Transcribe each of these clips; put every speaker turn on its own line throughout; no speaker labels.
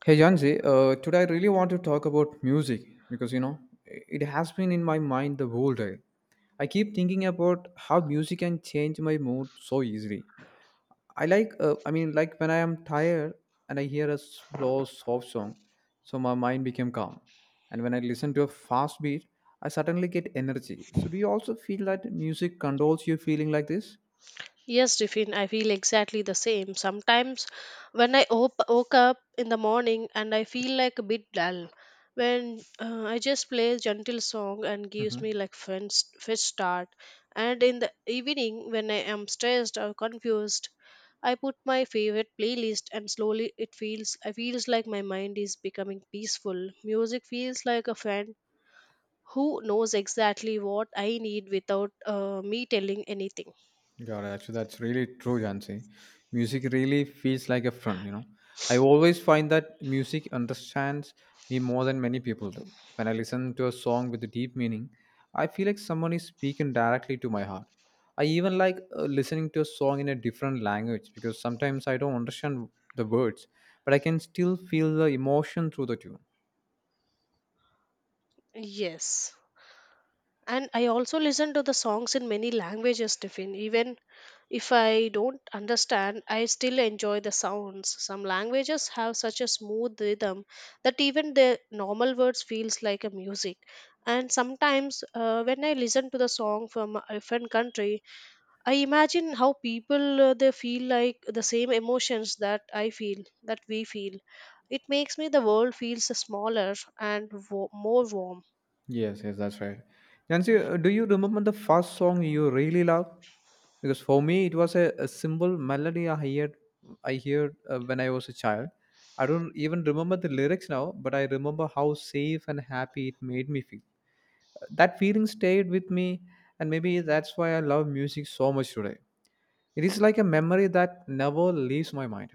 Hey Janzi, today I really want to talk about music because you know it has been in my mind the whole day. I keep thinking about how music can change my mood so easily. I like, I mean, like when I am tired and I hear a slow, soft song, so my mind became calm. And when I listen to a fast beat, I suddenly get energy. So do you also feel that music controls your feeling like this?
Yes, Tiffin, I feel exactly the same. Sometimes when woke up in the morning and I feel like a bit dull, when I just play a gentle song and gives
Mm-hmm.
me like fun fresh start. And in the evening when I am stressed or confused, I put my favorite playlist and slowly it feels I feels like my mind is becoming peaceful. Music feels like a friend who knows exactly what I need without me telling anything.
Got it. Actually, that's really true, Jansi. Music really feels like a friend. I always find that music understands me more than many people do. When I listen to a song with a deep meaning, I feel like someone is speaking directly to my heart. I even like listening to a song in a different language because sometimes I don't understand the words, but I can still feel the emotion through the tune.
Yes. And I also listen to the songs in many languages, Tiffin. Even if I don't understand, I still enjoy the sounds. Some languages have such a smooth rhythm that even the normal words feels like a music. And sometimes, when I listen to the song from a different country, I imagine how people they feel like the same emotions that I feel, that we feel. It makes me the world feels smaller and more warm.
Yes, yes, that's right. Nancy, do you remember the first song you really loved? Because for me, it was a simple melody I heard, when I was a child. I don't even remember the lyrics now, but I remember how safe and happy it made me feel. That feeling stayed with me, and maybe that's why I love music so much today. It is like a memory that never leaves my mind.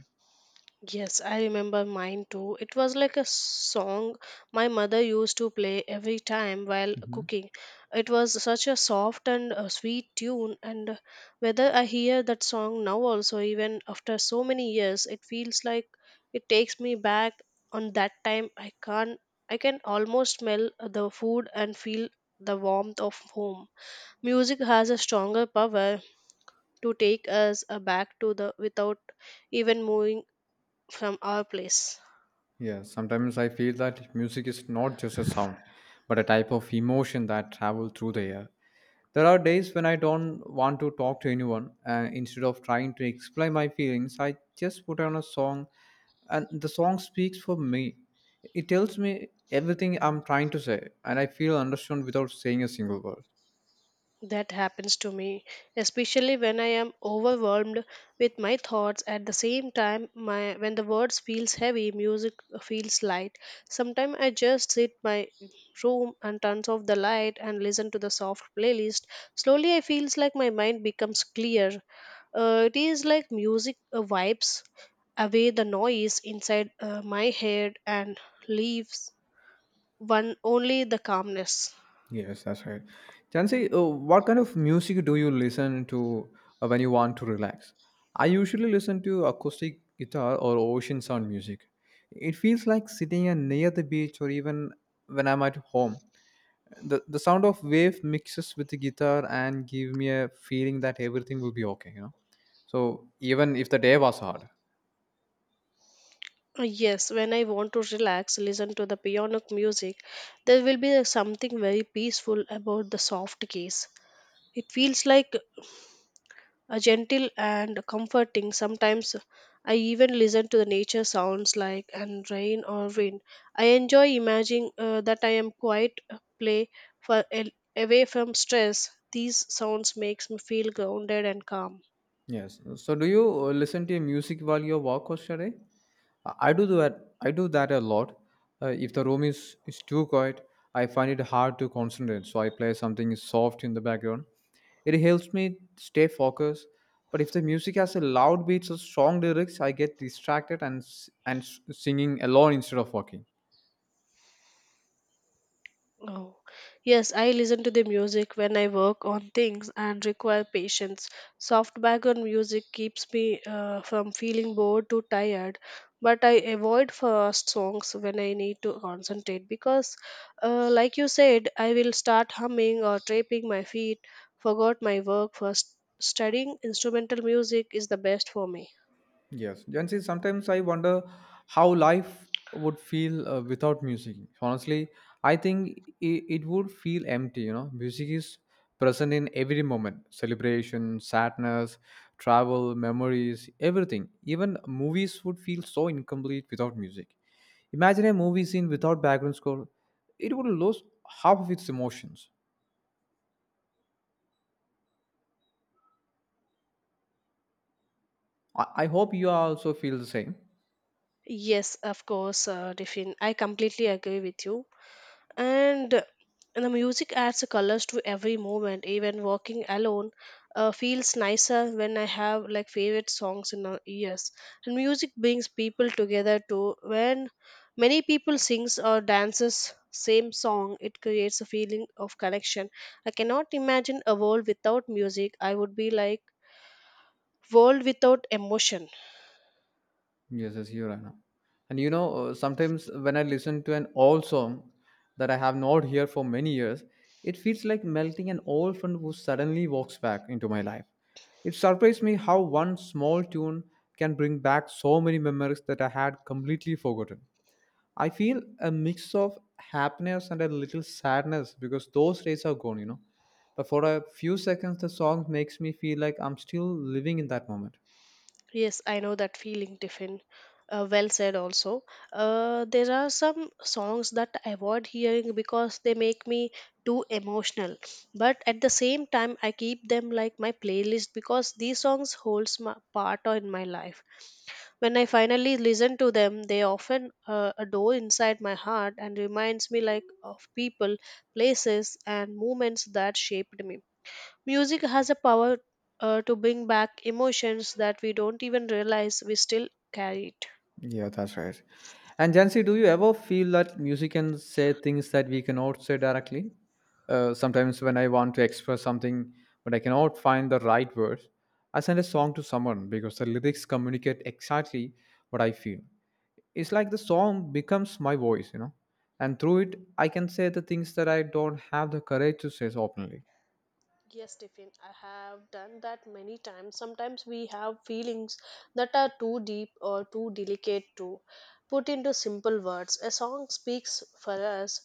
Yes, I remember mine too. It was like a song my mother used to play every time while
Mhm.
cooking. It was such a soft and sweet tune, and whether I hear that song now also, even after so many years, it feels like it takes me back on that time. I can't, I can almost smell the food and feel the warmth of home. Music has a stronger power to take us back to the without even moving from our place.
Yeah, sometimes I feel that music is not just a sound, but a type of emotion that travels through the air. There are days when I don't want to talk to anyone, and instead of trying to explain my feelings, I just put on a song, and the song speaks for me. It tells me everything I'm trying to say, and I feel understood without saying a single word.
That happens to me, especially when I am overwhelmed with my thoughts. At the same time, my when the words feels heavy, music feels light. Sometimes I just sit my room and turns off the light and listen to the soft playlist. Slowly, I feels like my mind becomes clear. It is like music wipes away the noise inside my head and leaves one only the calmness.
Yes, that's right. Jansi, what kind of music do you listen to when you want to relax? I usually listen to acoustic guitar or ocean sound music. It feels like sitting near the beach or even when I'm at home. The sound of wave mixes with the guitar and give me a feeling that everything will be okay. So even if the day was hard.
Yes, when I want to relax, listen to the piano music, there will be something very peaceful about the soft keys. It feels like a gentle and comforting. Sometimes I even listen to the nature sounds like and rain or wind. I enjoy imagining that I am quiet play for away from stress. These sounds makes me feel grounded and calm.
Yes. So, do you listen to music while you walk or study? I do that. I do that a lot. If the room is too quiet, I find it hard to concentrate. So I play something soft in the background. It helps me stay focused. But if the music has a loud beats or strong lyrics, I get distracted and and s- singing alone instead of walking.
Oh, yes, I listen to the music when I work on things and require patience. Soft background music keeps me from feeling bored to tired, but I avoid fast songs when I need to concentrate because, like you said, I will start humming or tapping my feet, forgot my work first. Studying instrumental music is the best for me.
Yes, and see, sometimes I wonder how life would feel without music. Honestly, I think it would feel empty. You know, music is present in every moment: celebration, sadness, travel, memories, everything. Even movies would feel so incomplete without music. Imagine a movie scene without background score; it would lose half of its emotions. I hope you also feel the same.
Yes, of course, Diffin. I completely agree with you. And the music adds colors to every moment even walking alone feels nicer when I have like favorite songs in our ears, and music brings people together too. When many people sings or dances same song, it creates a feeling of connection. I cannot imagine a world without music. I would be like world without emotion.
Yes, yes, you're right. Now. And you know, sometimes when I listen to an old song that I have not heard for many years, it feels like melting an old friend who suddenly walks back into my life. It surprised me how one small tune can bring back so many memories that I had completely forgotten. I feel a mix of happiness and a little sadness because those days are gone. But for a few seconds, the song makes me feel like I'm still living in that moment.
Yes, I know that feeling, Tiffin. Well said, also. There are some songs that I avoid hearing because they make me too emotional. But at the same time, I keep them like my playlist because these songs holds my part in my life. When I finally listen to them, they often a door inside my heart and reminds me like of people, places, and moments that shaped me. Music has a power to bring back emotions that we don't even realize we still carry it.
Yeah, that's right. And Jancy, do you ever feel that music can say things that we cannot say directly? Sometimes when I want to express something, but I cannot find the right words, I send a song to someone because the lyrics communicate exactly what I feel. It's like the song becomes my voice, and through it, I can say the things that I don't have the courage to say openly.
Yes, Tiffin, I have done that many times. Sometimes we have feelings that are too deep or too delicate to put into simple words. A song speaks for us.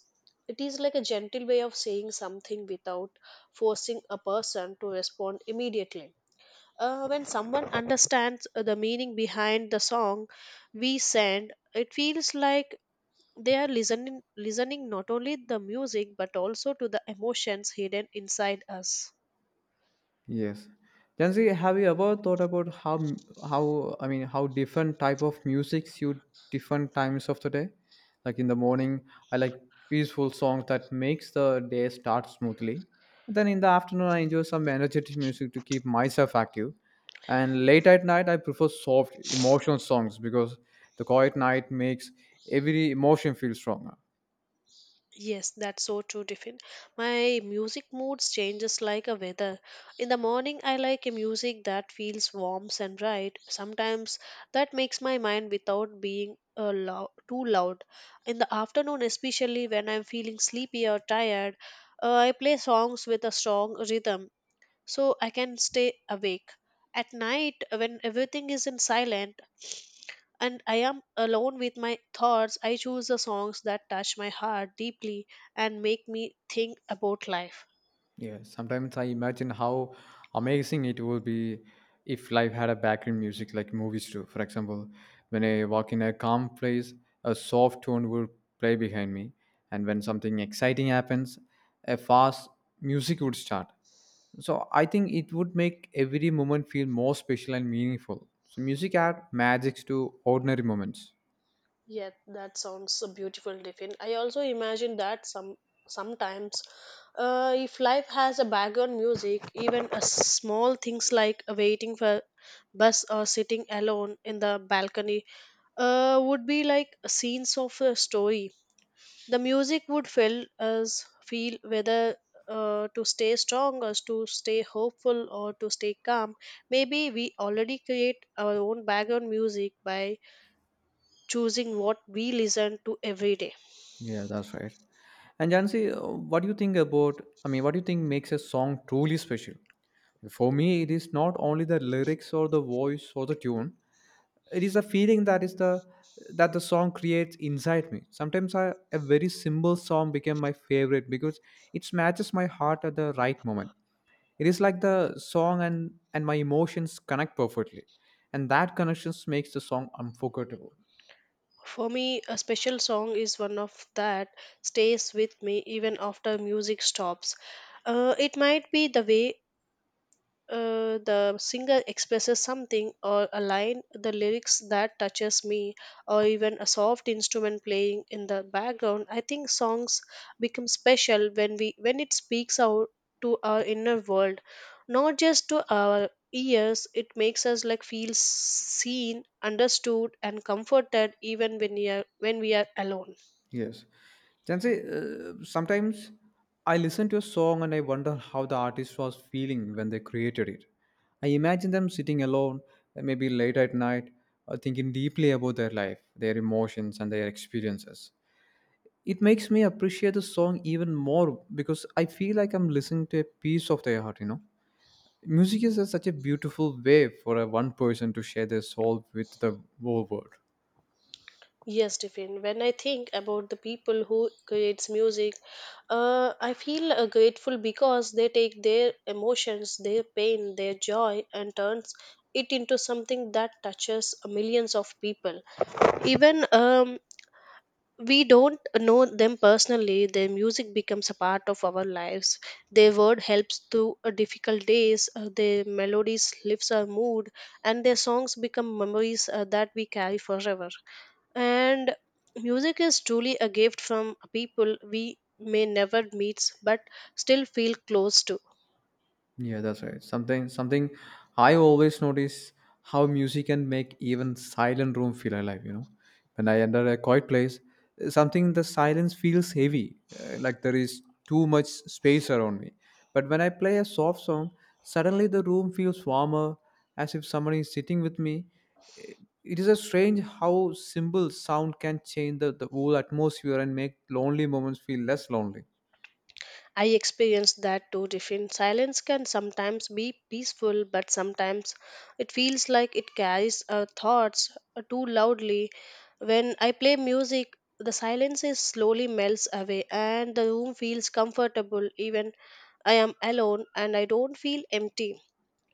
It is like a gentle way of saying something without forcing a person to respond immediately. When someone understands the meaning behind the song we send, it feels like they are listening not only the music but also to the emotions hidden inside us.
Yes. Jansi, have you ever thought about how m- how I mean how different type of music suit different times of the day? Like in the morning, I like peaceful songs that makes the day start smoothly. And then in the afternoon, I enjoy some energetic music to keep myself active. And late at night, I prefer soft emotional songs because the quiet night makes every emotion feel stronger.
Yes, that's so true, Tiffin. My music moods changes like a weather. In the morning, I like a music that feels warm and bright sometimes that makes my mind without being too loud. In the afternoon, especially when I'm feeling sleepy or tired, I play songs with a strong rhythm so I can stay awake. At night, when everything is in silent and I am alone with my thoughts, I choose the songs that touch my heart deeply and make me think about life.
Yeah, sometimes I imagine how amazing it would be if life had a background music like movies do. For example, when I walk in a calm place, a soft tune will play behind me, and when something exciting happens, a fast music would start. So I think it would make every moment feel more special and meaningful. So music adds magic to ordinary moments.
Yeah, that sounds a beautiful, Tiffin. I also imagine that sometimes, if life has a background music, even a small things like waiting for bus or sitting alone in the balcony, would be like scenes of a story. The music would fill us feel whether to stay strong or to stay hopeful or to stay calm. Maybe we already create our own background music by choosing what we listen to every day.
Yeah, that's right. And Jansi, what do you think about? I mean, what do you think makes a song truly special? For me, it is not only the lyrics or the voice or the tune. It is a feeling that the song creates inside me. Sometimes I, a very simple song became my favorite because it matches my heart at the right moment. It is like the song and my emotions connect perfectly, and that connections makes the song unforgettable.
For me, a special song is one of that stays with me even after music stops. It might be the way the singer expresses something or a line the lyrics that touches me or even a soft instrument playing in the background. I think songs become special when it speaks out to our inner world, not just to our ears. It makes us like feel seen, understood, and comforted even when we are alone.
Yes. Jansi, sometimes I listen to a song and I wonder how the artist was feeling when they created it. I imagine them sitting alone, maybe late at night, thinking deeply about their life, their emotions, and their experiences. It makes me appreciate the song even more because I feel like I'm listening to a piece of their heart? Music is a- such a beautiful way for a one person to share their soul with the whole world.
Yes, Stephen. When I think about the people who creates music, I feel grateful because they take their emotions, their pain, their joy, and turns it into something that touches millions of people. Even we don't know them personally, their music becomes a part of our lives. Their word helps through difficult days. Their melodies lifts our mood, and their songs become memories that we carry forever. And music is truly a gift from people we may never meet but still feel close to.
Yeah, that's right. Something something I always notice how music can make even silent room feel alive. When I enter a quiet place, something in the silence feels heavy, like there is too much space around me. But when I play a soft song, suddenly the room feels warmer, as if someone is sitting with me. It it is a strange how simple sound can change the whole atmosphere and make lonely moments feel less lonely.
I experienced that too, Diffin. Silence can sometimes be peaceful, but sometimes it feels like it carries our thoughts too loudly. When I play music, the silence is slowly melts away and the room feels comfortable even I am alone and I don't feel empty.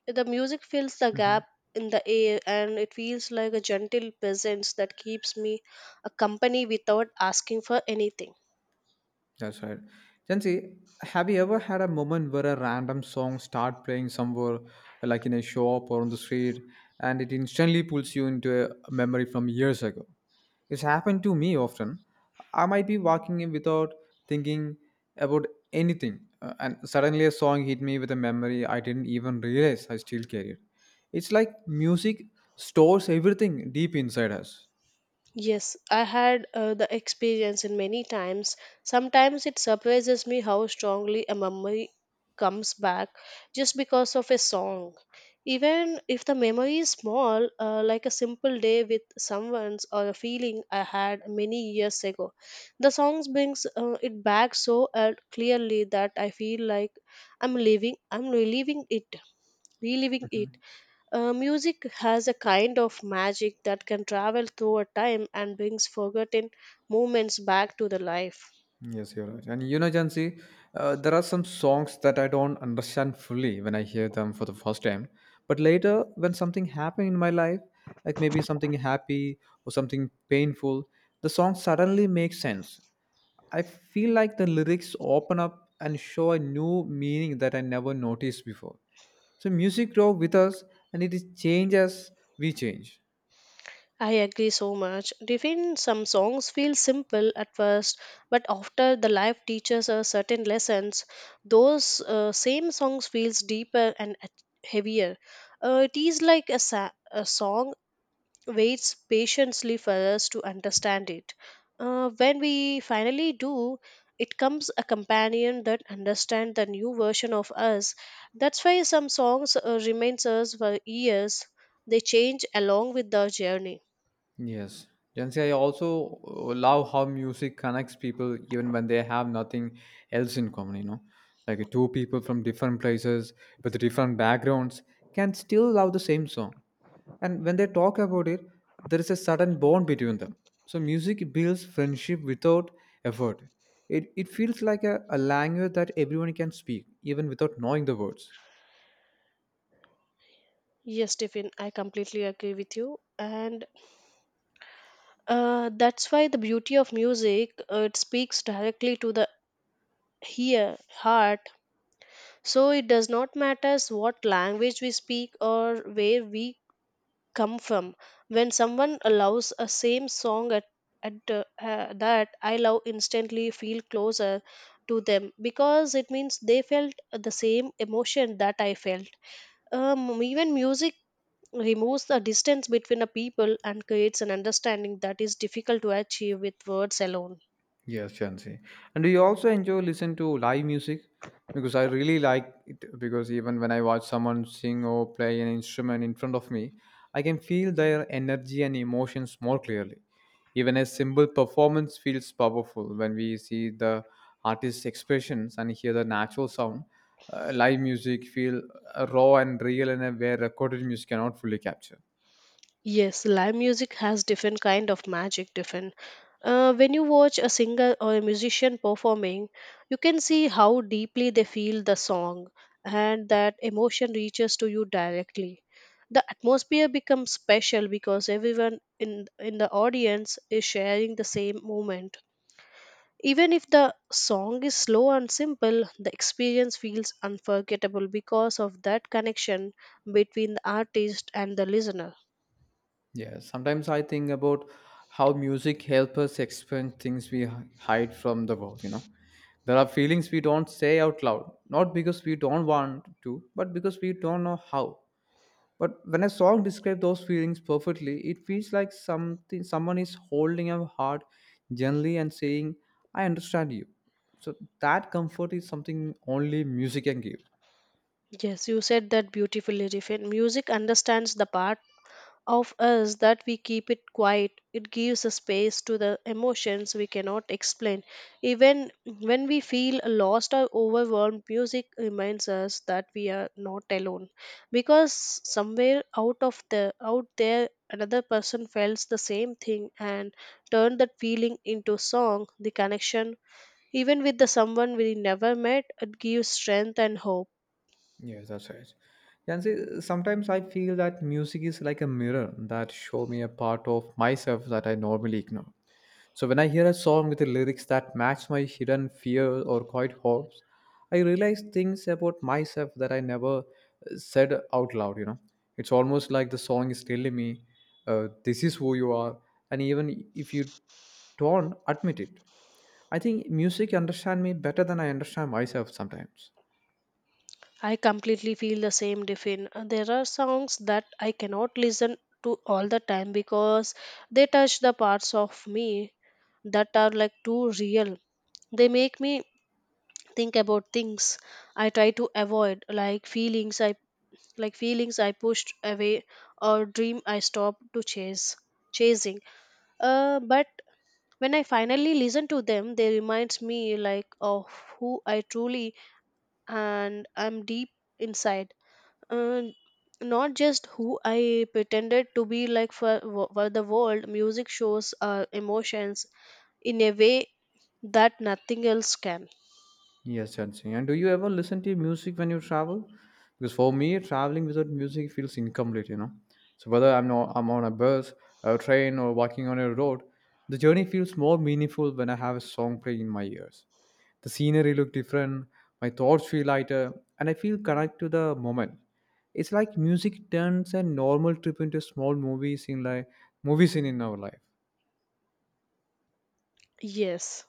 The music fills the gap in the air and it feels like a gentle presence that keeps me a company without asking for anything.
That's right. Jansi, have you ever had a moment where a random song start playing somewhere, like in a shop or on the street, and it instantly pulls you into a memory from years ago? It's happened to me often. I might be walking in without thinking about anything, and suddenly a song hit me with a memory I didn't even realize I still carried. It's like music stores everything deep inside us.
Yes, I had the experience in many times. Sometimes it surprises me how strongly a memory comes back just because of a song. Even if the memory is small, like a simple day with someone's or a feeling I had many years ago, the songs brings it back so clearly that I feel like I'm reliving it. Music has a kind of magic that can travel through a time and brings forgotten moments back to the life.
Yes, you're right. And you know, Jansi, there are some songs that I don't understand fully when I hear them for the first time. But later, when something happened in my life, like maybe something happy or something painful, the song suddenly makes sense. I feel like the lyrics open up and show a new meaning that I never noticed before. So music grows with us and it is change as we change.
I agree so much. Even some songs feel simple at first, but after the life teaches us certain lessons, those same songs feels deeper and heavier. It is like a song waits patiently for us to understand it. When we finally do, it comes a companion that understands the new version of us. That's why some songs remains us for years. They change along with the journey.
Yes. Jansi, I also love how music connects people even when they have nothing else in common. Like two people from different places with different backgrounds can still love the same song. And when they talk about it, there is a sudden bond between them. So music builds friendship without effort. It feels like a language that everyone can speak, even without knowing the words.
Yes, Stephen, I completely agree with you. And that's why the beauty of music, it speaks directly to the here heart. So it does not matter what language we speak or where we come from. When someone allows a same song that I love instantly feel closer to them because it means they felt the same emotion that I felt. Even music removes the distance between a people and creates an understanding that is difficult to achieve with words alone.
Yes, Chansi. And do you also enjoy listen to live music? Because I really like it because even when I watch someone sing or play an instrument in front of me, I can feel their energy and emotions more clearly. Even a simple performance feels powerful when we see the artist's expressions and hear the natural sound. Live music feel raw and real in a way recorded music cannot fully capture.
Yes, live music has different kind of magic, different. When you watch a singer or a musician performing, you can see how deeply they feel the song and that emotion reaches to you directly. The atmosphere becomes special because everyone in the audience is sharing the same moment. Even if the song is slow and simple, the experience feels unforgettable because of that connection between the artist and the listener.
Yeah, sometimes I think about how music helps us express things we hide from the world. There are feelings we don't say out loud, not because we don't want to, but because we don't know how. But when a song describes those feelings perfectly, it feels like something someone is holding our heart gently and saying, "I understand you." So that comfort is something only music can give.
Yes, you said that beautifully, Riffin. Music understands the part of us that we keep it quiet. It gives a space to the emotions we cannot explain. Even when we feel lost or overwhelmed, music reminds us that we are not alone. Because somewhere out of the out there another person felt the same thing and turned that feeling into song, the connection even with the someone we never met, it gives strength and hope.
Yes, that's right. And see, sometimes I feel that music is like a mirror that show me a part of myself that I normally ignore. So when I hear a song with the lyrics that match my hidden fear or quiet hopes, I realize things about myself that I never said out loud. You know, it's almost like the song is telling me, "This is who you are," and even if you don't admit it, I think music understand me better than I understand myself sometimes.
I completely feel the same, Defin. There are songs that I cannot listen to all the time because they touch the parts of me that are like too real. They make me think about things I try to avoid, like feelings I pushed away or dream I stopped to chase chasing. But when I finally listen to them, they reminds me like of who I truly and I'm deep inside uh, not just who I pretended to be like for the world. Music shows our emotions in a way that nothing else can.
Yes, Chansey. And do you ever listen to music when you travel? Because for me, traveling without music feels incomplete, you know. So whether I'm not, I'm on a bus, a train, or walking on a road, the journey feels more meaningful when I have a song playing in my ears. The scenery look different, my thoughts feel lighter, and I feel connected to the moment. It's like music turns a normal trip into a small movie scene, like movie scene in our life.
Yes.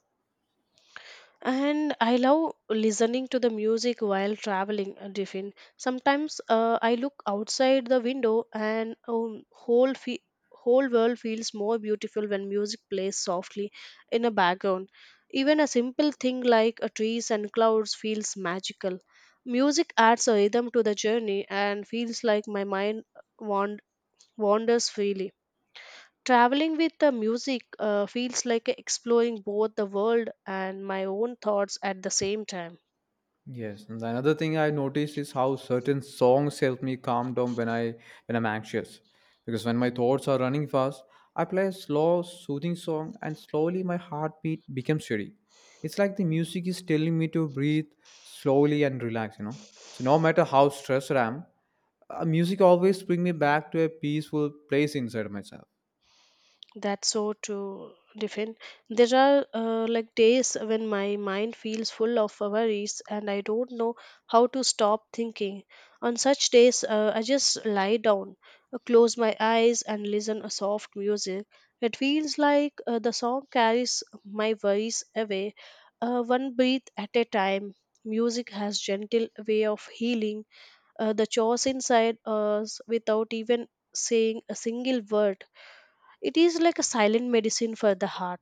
And I love listening to the music while traveling, Diffin. Sometimes I look outside the window, and whole world feels more beautiful when music plays softly in a background. Even a simple thing like a trees and clouds feels magical. Music adds a rhythm to the journey and feels like my mind wand- wanders freely. Traveling with the music feels like exploring both the world and my own thoughts at the same time.
Yes, and the another thing I notice is how certain songs help me calm down when I'm anxious. Because when my thoughts are running fast, I play a slow, soothing song, and slowly my heartbeat becomes steady. It's like the music is telling me to breathe slowly and relax. You know, so no matter how stressed I am, music always bring me back to a peaceful place inside myself.
That's so true, Diffin. There are like days when my mind feels full of worries and I don't know how to stop thinking. On such days, I just lie down, close my eyes, and listen to soft music. It feels like the song carries my worries away, one breath at a time. Music has gentle way of healing the chores inside us without even saying a single word. It is like a silent medicine for the heart.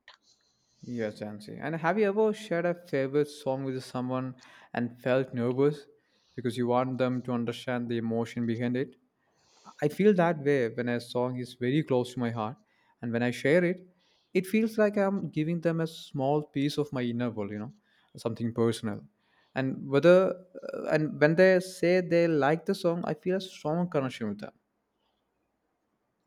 Yes, Jancy. And have you ever shared a favorite song with someone and felt nervous because you want them to understand the emotion behind it? I feel that way when a song is very close to my heart, and when I share it, it feels like I'm giving them a small piece of my inner world, you know, something personal. And whether and when they say they like the song, I feel a strong connection with them.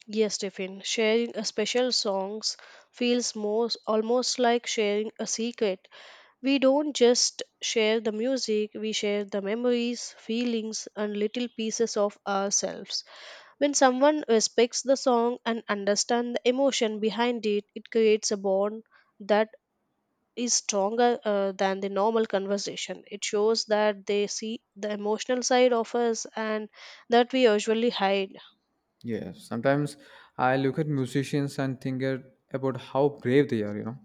Yes, Stephen, sharing a special songs feels most almost like sharing a secret. We don't just share the music, we share the memories, feelings, and little pieces of ourselves. When someone respects the song and understands the emotion behind it, it creates a bond that is stronger than the normal conversation. It shows that they see the emotional side of us and that we usually hide.
Yes, sometimes I look at musicians and about how brave they are, you know.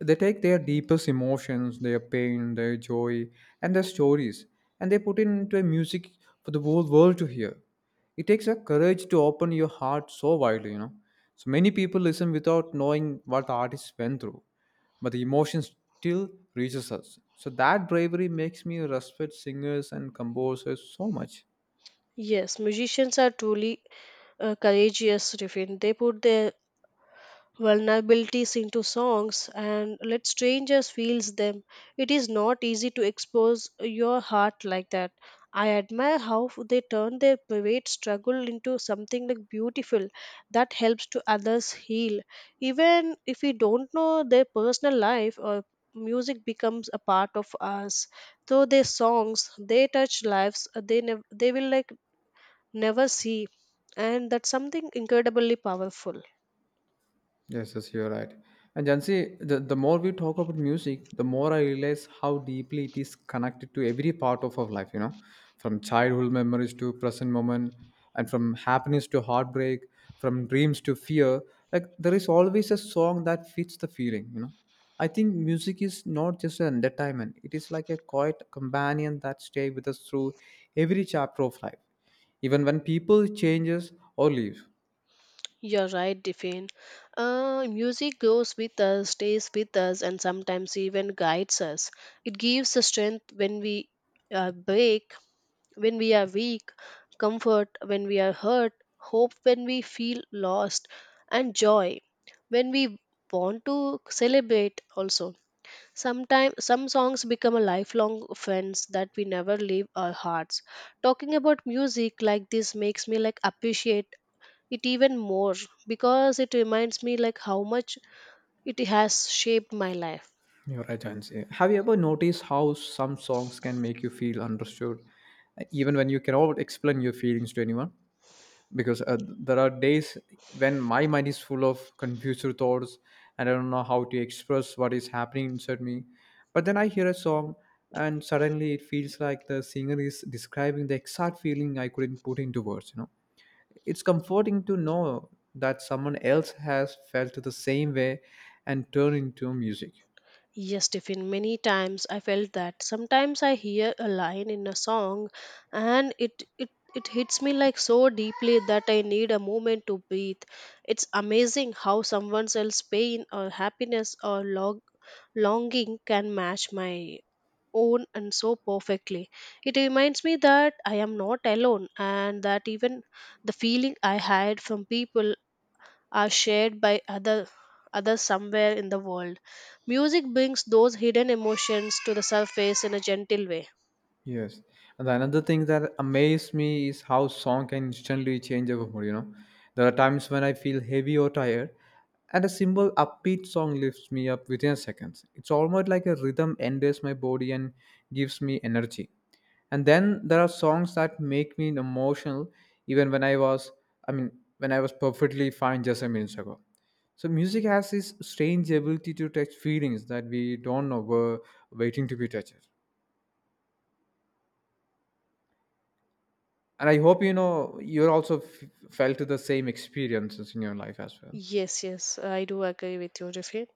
They take their deepest emotions, their pain, their joy, and their stories, and they put it into a music for the whole world to hear. It takes a courage to open your heart so widely, you know. So many people listen without knowing what the artist went through, but the emotion still reaches us. So that bravery makes me respect singers and composers so much.
Yes, musicians are truly courageous, Rifin. They put their vulnerabilities into songs and let strangers feels them. It is not easy to expose your heart like that. I admire how they turn their private struggle into something like beautiful that helps to others heal. Even if we don't know their personal life or music becomes a part of us. Through their songs, they touch lives. They will like never see. And that's something incredibly powerful.
Yes, yes, you're right. And Jansi, the more we talk about music, the more I realize how deeply it is connected to every part of our life, you know, from childhood memories to present moment, and from happiness to heartbreak, from dreams to fear. Like, there is always a song that fits the feeling, you know. I think music is not just an entertainment, it is like a quiet companion that stays with us through every chapter of life, even when people changes or leave.
You're right, Diffin. Music goes with us, stays with us, and sometimes even guides us. It gives us strength when we are break, when we are weak, comfort when we are hurt, hope when we feel lost, and joy when we want to celebrate also. Sometimes some songs become a lifelong friends that we never leave our hearts. Talking about music like this makes me like appreciate it even more because it reminds me like how much it has shaped my life.
You're right, Jansi. Have you ever noticed how some songs can make you feel understood, even when you cannot explain your feelings to anyone? Because there are days when my mind is full of confused thoughts and I don't know how to express what is happening inside me. But then I hear a song, and suddenly it feels like the singer is describing the exact feeling I couldn't put into words. You know, it's comforting to know that someone else has felt the same way and turned into music.
Yes, Tiffin, many times I felt that. Sometimes I hear a line in a song and it hits me like so deeply that I need a moment to breathe. It's amazing how someone else's pain or happiness or longing can match my own and so perfectly. It reminds me that I am not alone and that even the feeling I hide from people are shared by others somewhere in the world. Music brings those hidden emotions to the surface in a gentle way.
Yes. And the another thing that amazed me is how song can instantly change our mood, you know. There are times when I feel heavy or tired, and a simple upbeat song lifts me up within seconds. It's almost like a rhythm enters my body and gives me energy. And then there are songs that make me emotional even I mean when I was perfectly fine just a minute ago. So music has this strange ability to touch feelings that we don't know were waiting to be touched. And I hope you know you're also felt the same experiences in your life as well.
Yes, I do agree with you, Rifin.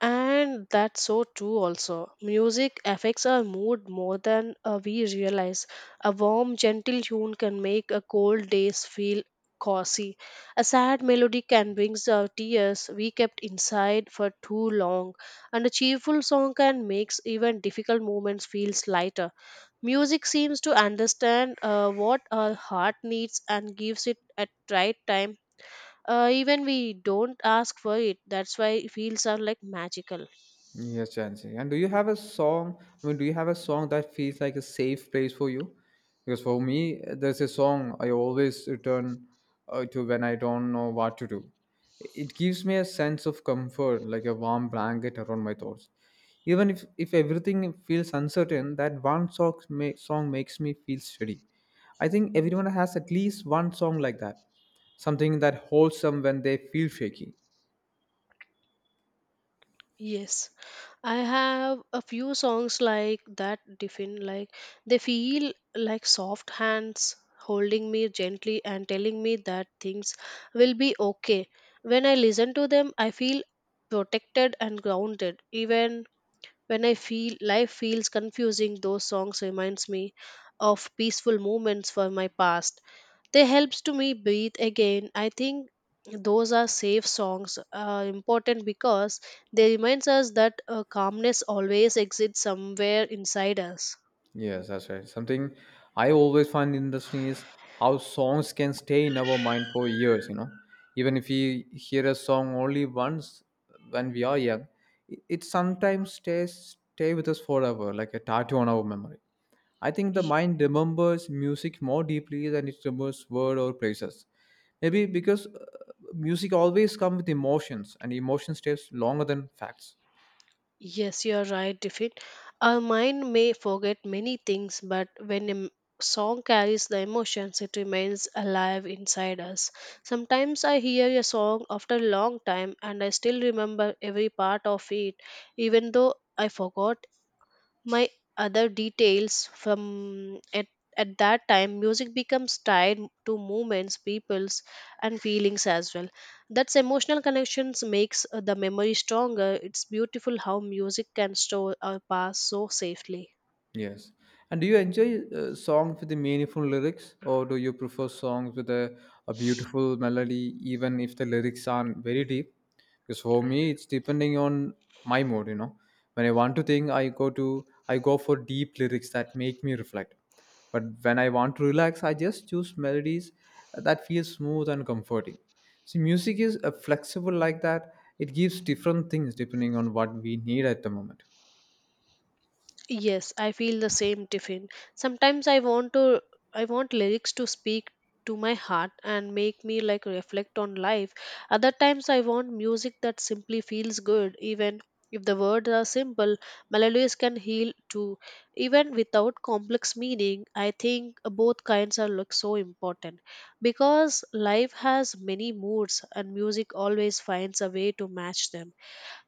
And that's so true also. Music affects our mood more than we realize. A warm, gentle tune can make a cold days feel cozy. A sad melody can bring the tears we kept inside for too long. And a cheerful song can make even difficult moments feel lighter. Music seems to understand what our heart needs and gives it at right time. Even we don't ask for it. That's why feels are like magical.
Yes, Jansi. And do you have a song? I mean, do you have a song that feels like a safe place for you? Because for me, there's a song I always return to when I don't know what to do. It gives me a sense of comfort, like a warm blanket around my thoughts. Even if everything feels uncertain, that one song, song makes me feel steady. I think everyone has at least one song like that, something that holds them when they feel shaky.
Yes, I have a few songs like that. Define like they feel like soft hands holding me gently and telling me that things will be okay. When I listen to them, I feel protected and grounded. Even when I feel life feels confusing, those songs reminds me of peaceful moments from my past. They helps to me breathe again. I think those are safe songs are important because they reminds us that calmness always exists somewhere inside us.
Yes, that's right. Something I always find interesting is how songs can stay in our mind for years, you know. Even if we hear a song only once when we are young, it sometimes stay with us forever, like a tattoo on our memory. I think the mind remembers music more deeply than it remembers word or places. Maybe because music always comes with emotions, and emotion stays longer than facts.
Yes, you are right, Tiffin. Our mind may forget many things, but when song carries the emotions, it remains alive inside us. Sometimes I hear a song after a long time and I still remember every part of it, even though I forgot my other details from at that time. Music becomes tied to moments, peoples, and feelings as well. That's emotional connections makes the memory stronger. It's beautiful how music can store our past so safely.
Yes. And do you enjoy songs with the meaningful lyrics, or do you prefer songs with a beautiful melody, even if the lyrics aren't very deep? Because for me, it's depending on my mood. You know, when I want to think, I go for deep lyrics that make me reflect. But when I want to relax, I just choose melodies that feel smooth and comforting. See, music is flexible like that. It gives different things depending on what we need at the moment.
Yes, I feel the same, tiffin. Sometimes I want lyrics to speak to my heart and make me like reflect on life. Other times I want music that simply feels good even if the words are simple. Melodies can heal too, even without complex meaning. I think both kinds are like so important because life has many moods and music always finds a way to match them.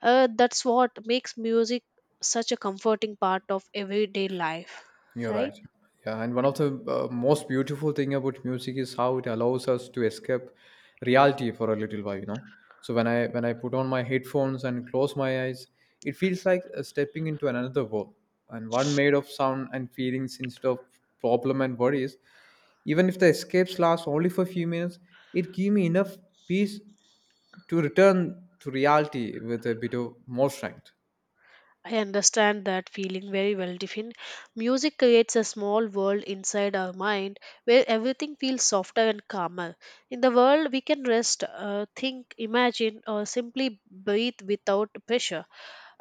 That's what makes music such a comforting part of everyday life,
You're
right?
right. Yeah, and one of the most beautiful thing about music is how it allows us to escape reality for a little while, you know. So when I put on my headphones and close my eyes, it feels like stepping into another world, and one made of sound and feelings instead of problem and worries. Even if the escapes last only for a few minutes, it gave me enough peace to return to reality with a bit of more strength.
I understand that feeling very well, Tiffin. Music creates a small world inside our mind where everything feels softer and calmer. In the world, we can rest, think, imagine, or simply breathe without pressure.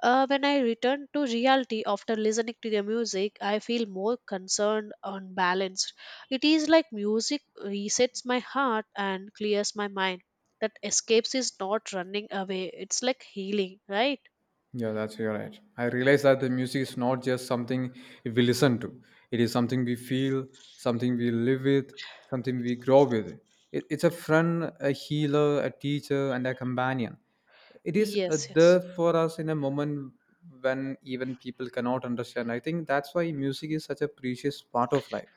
When I return to reality after listening to the music, I feel more concerned and balanced. It is like music resets my heart and clears my mind. That escapes is not running away, it's like healing, right?
Yeah, that's you're right. I realize that the music is not just something we listen to. It is something we feel, something we live with, something we grow with. It's a friend, a healer, a teacher, and a companion. It is
Yes, yes.
there for us in a moment when even people cannot understand. I think that's why music is such a precious part of life.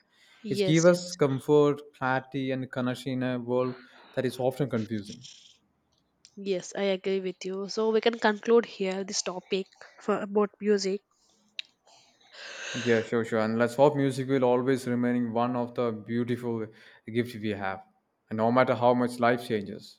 It
Yes,
gives us
yes,
comfort, clarity, and connection in a world that is often confusing.
yes, I agree with you. So we can conclude here this topic for about music.
Yeah, sure, sure. And let's hope music will always remain one of the beautiful gifts we have, and no matter how much life changes.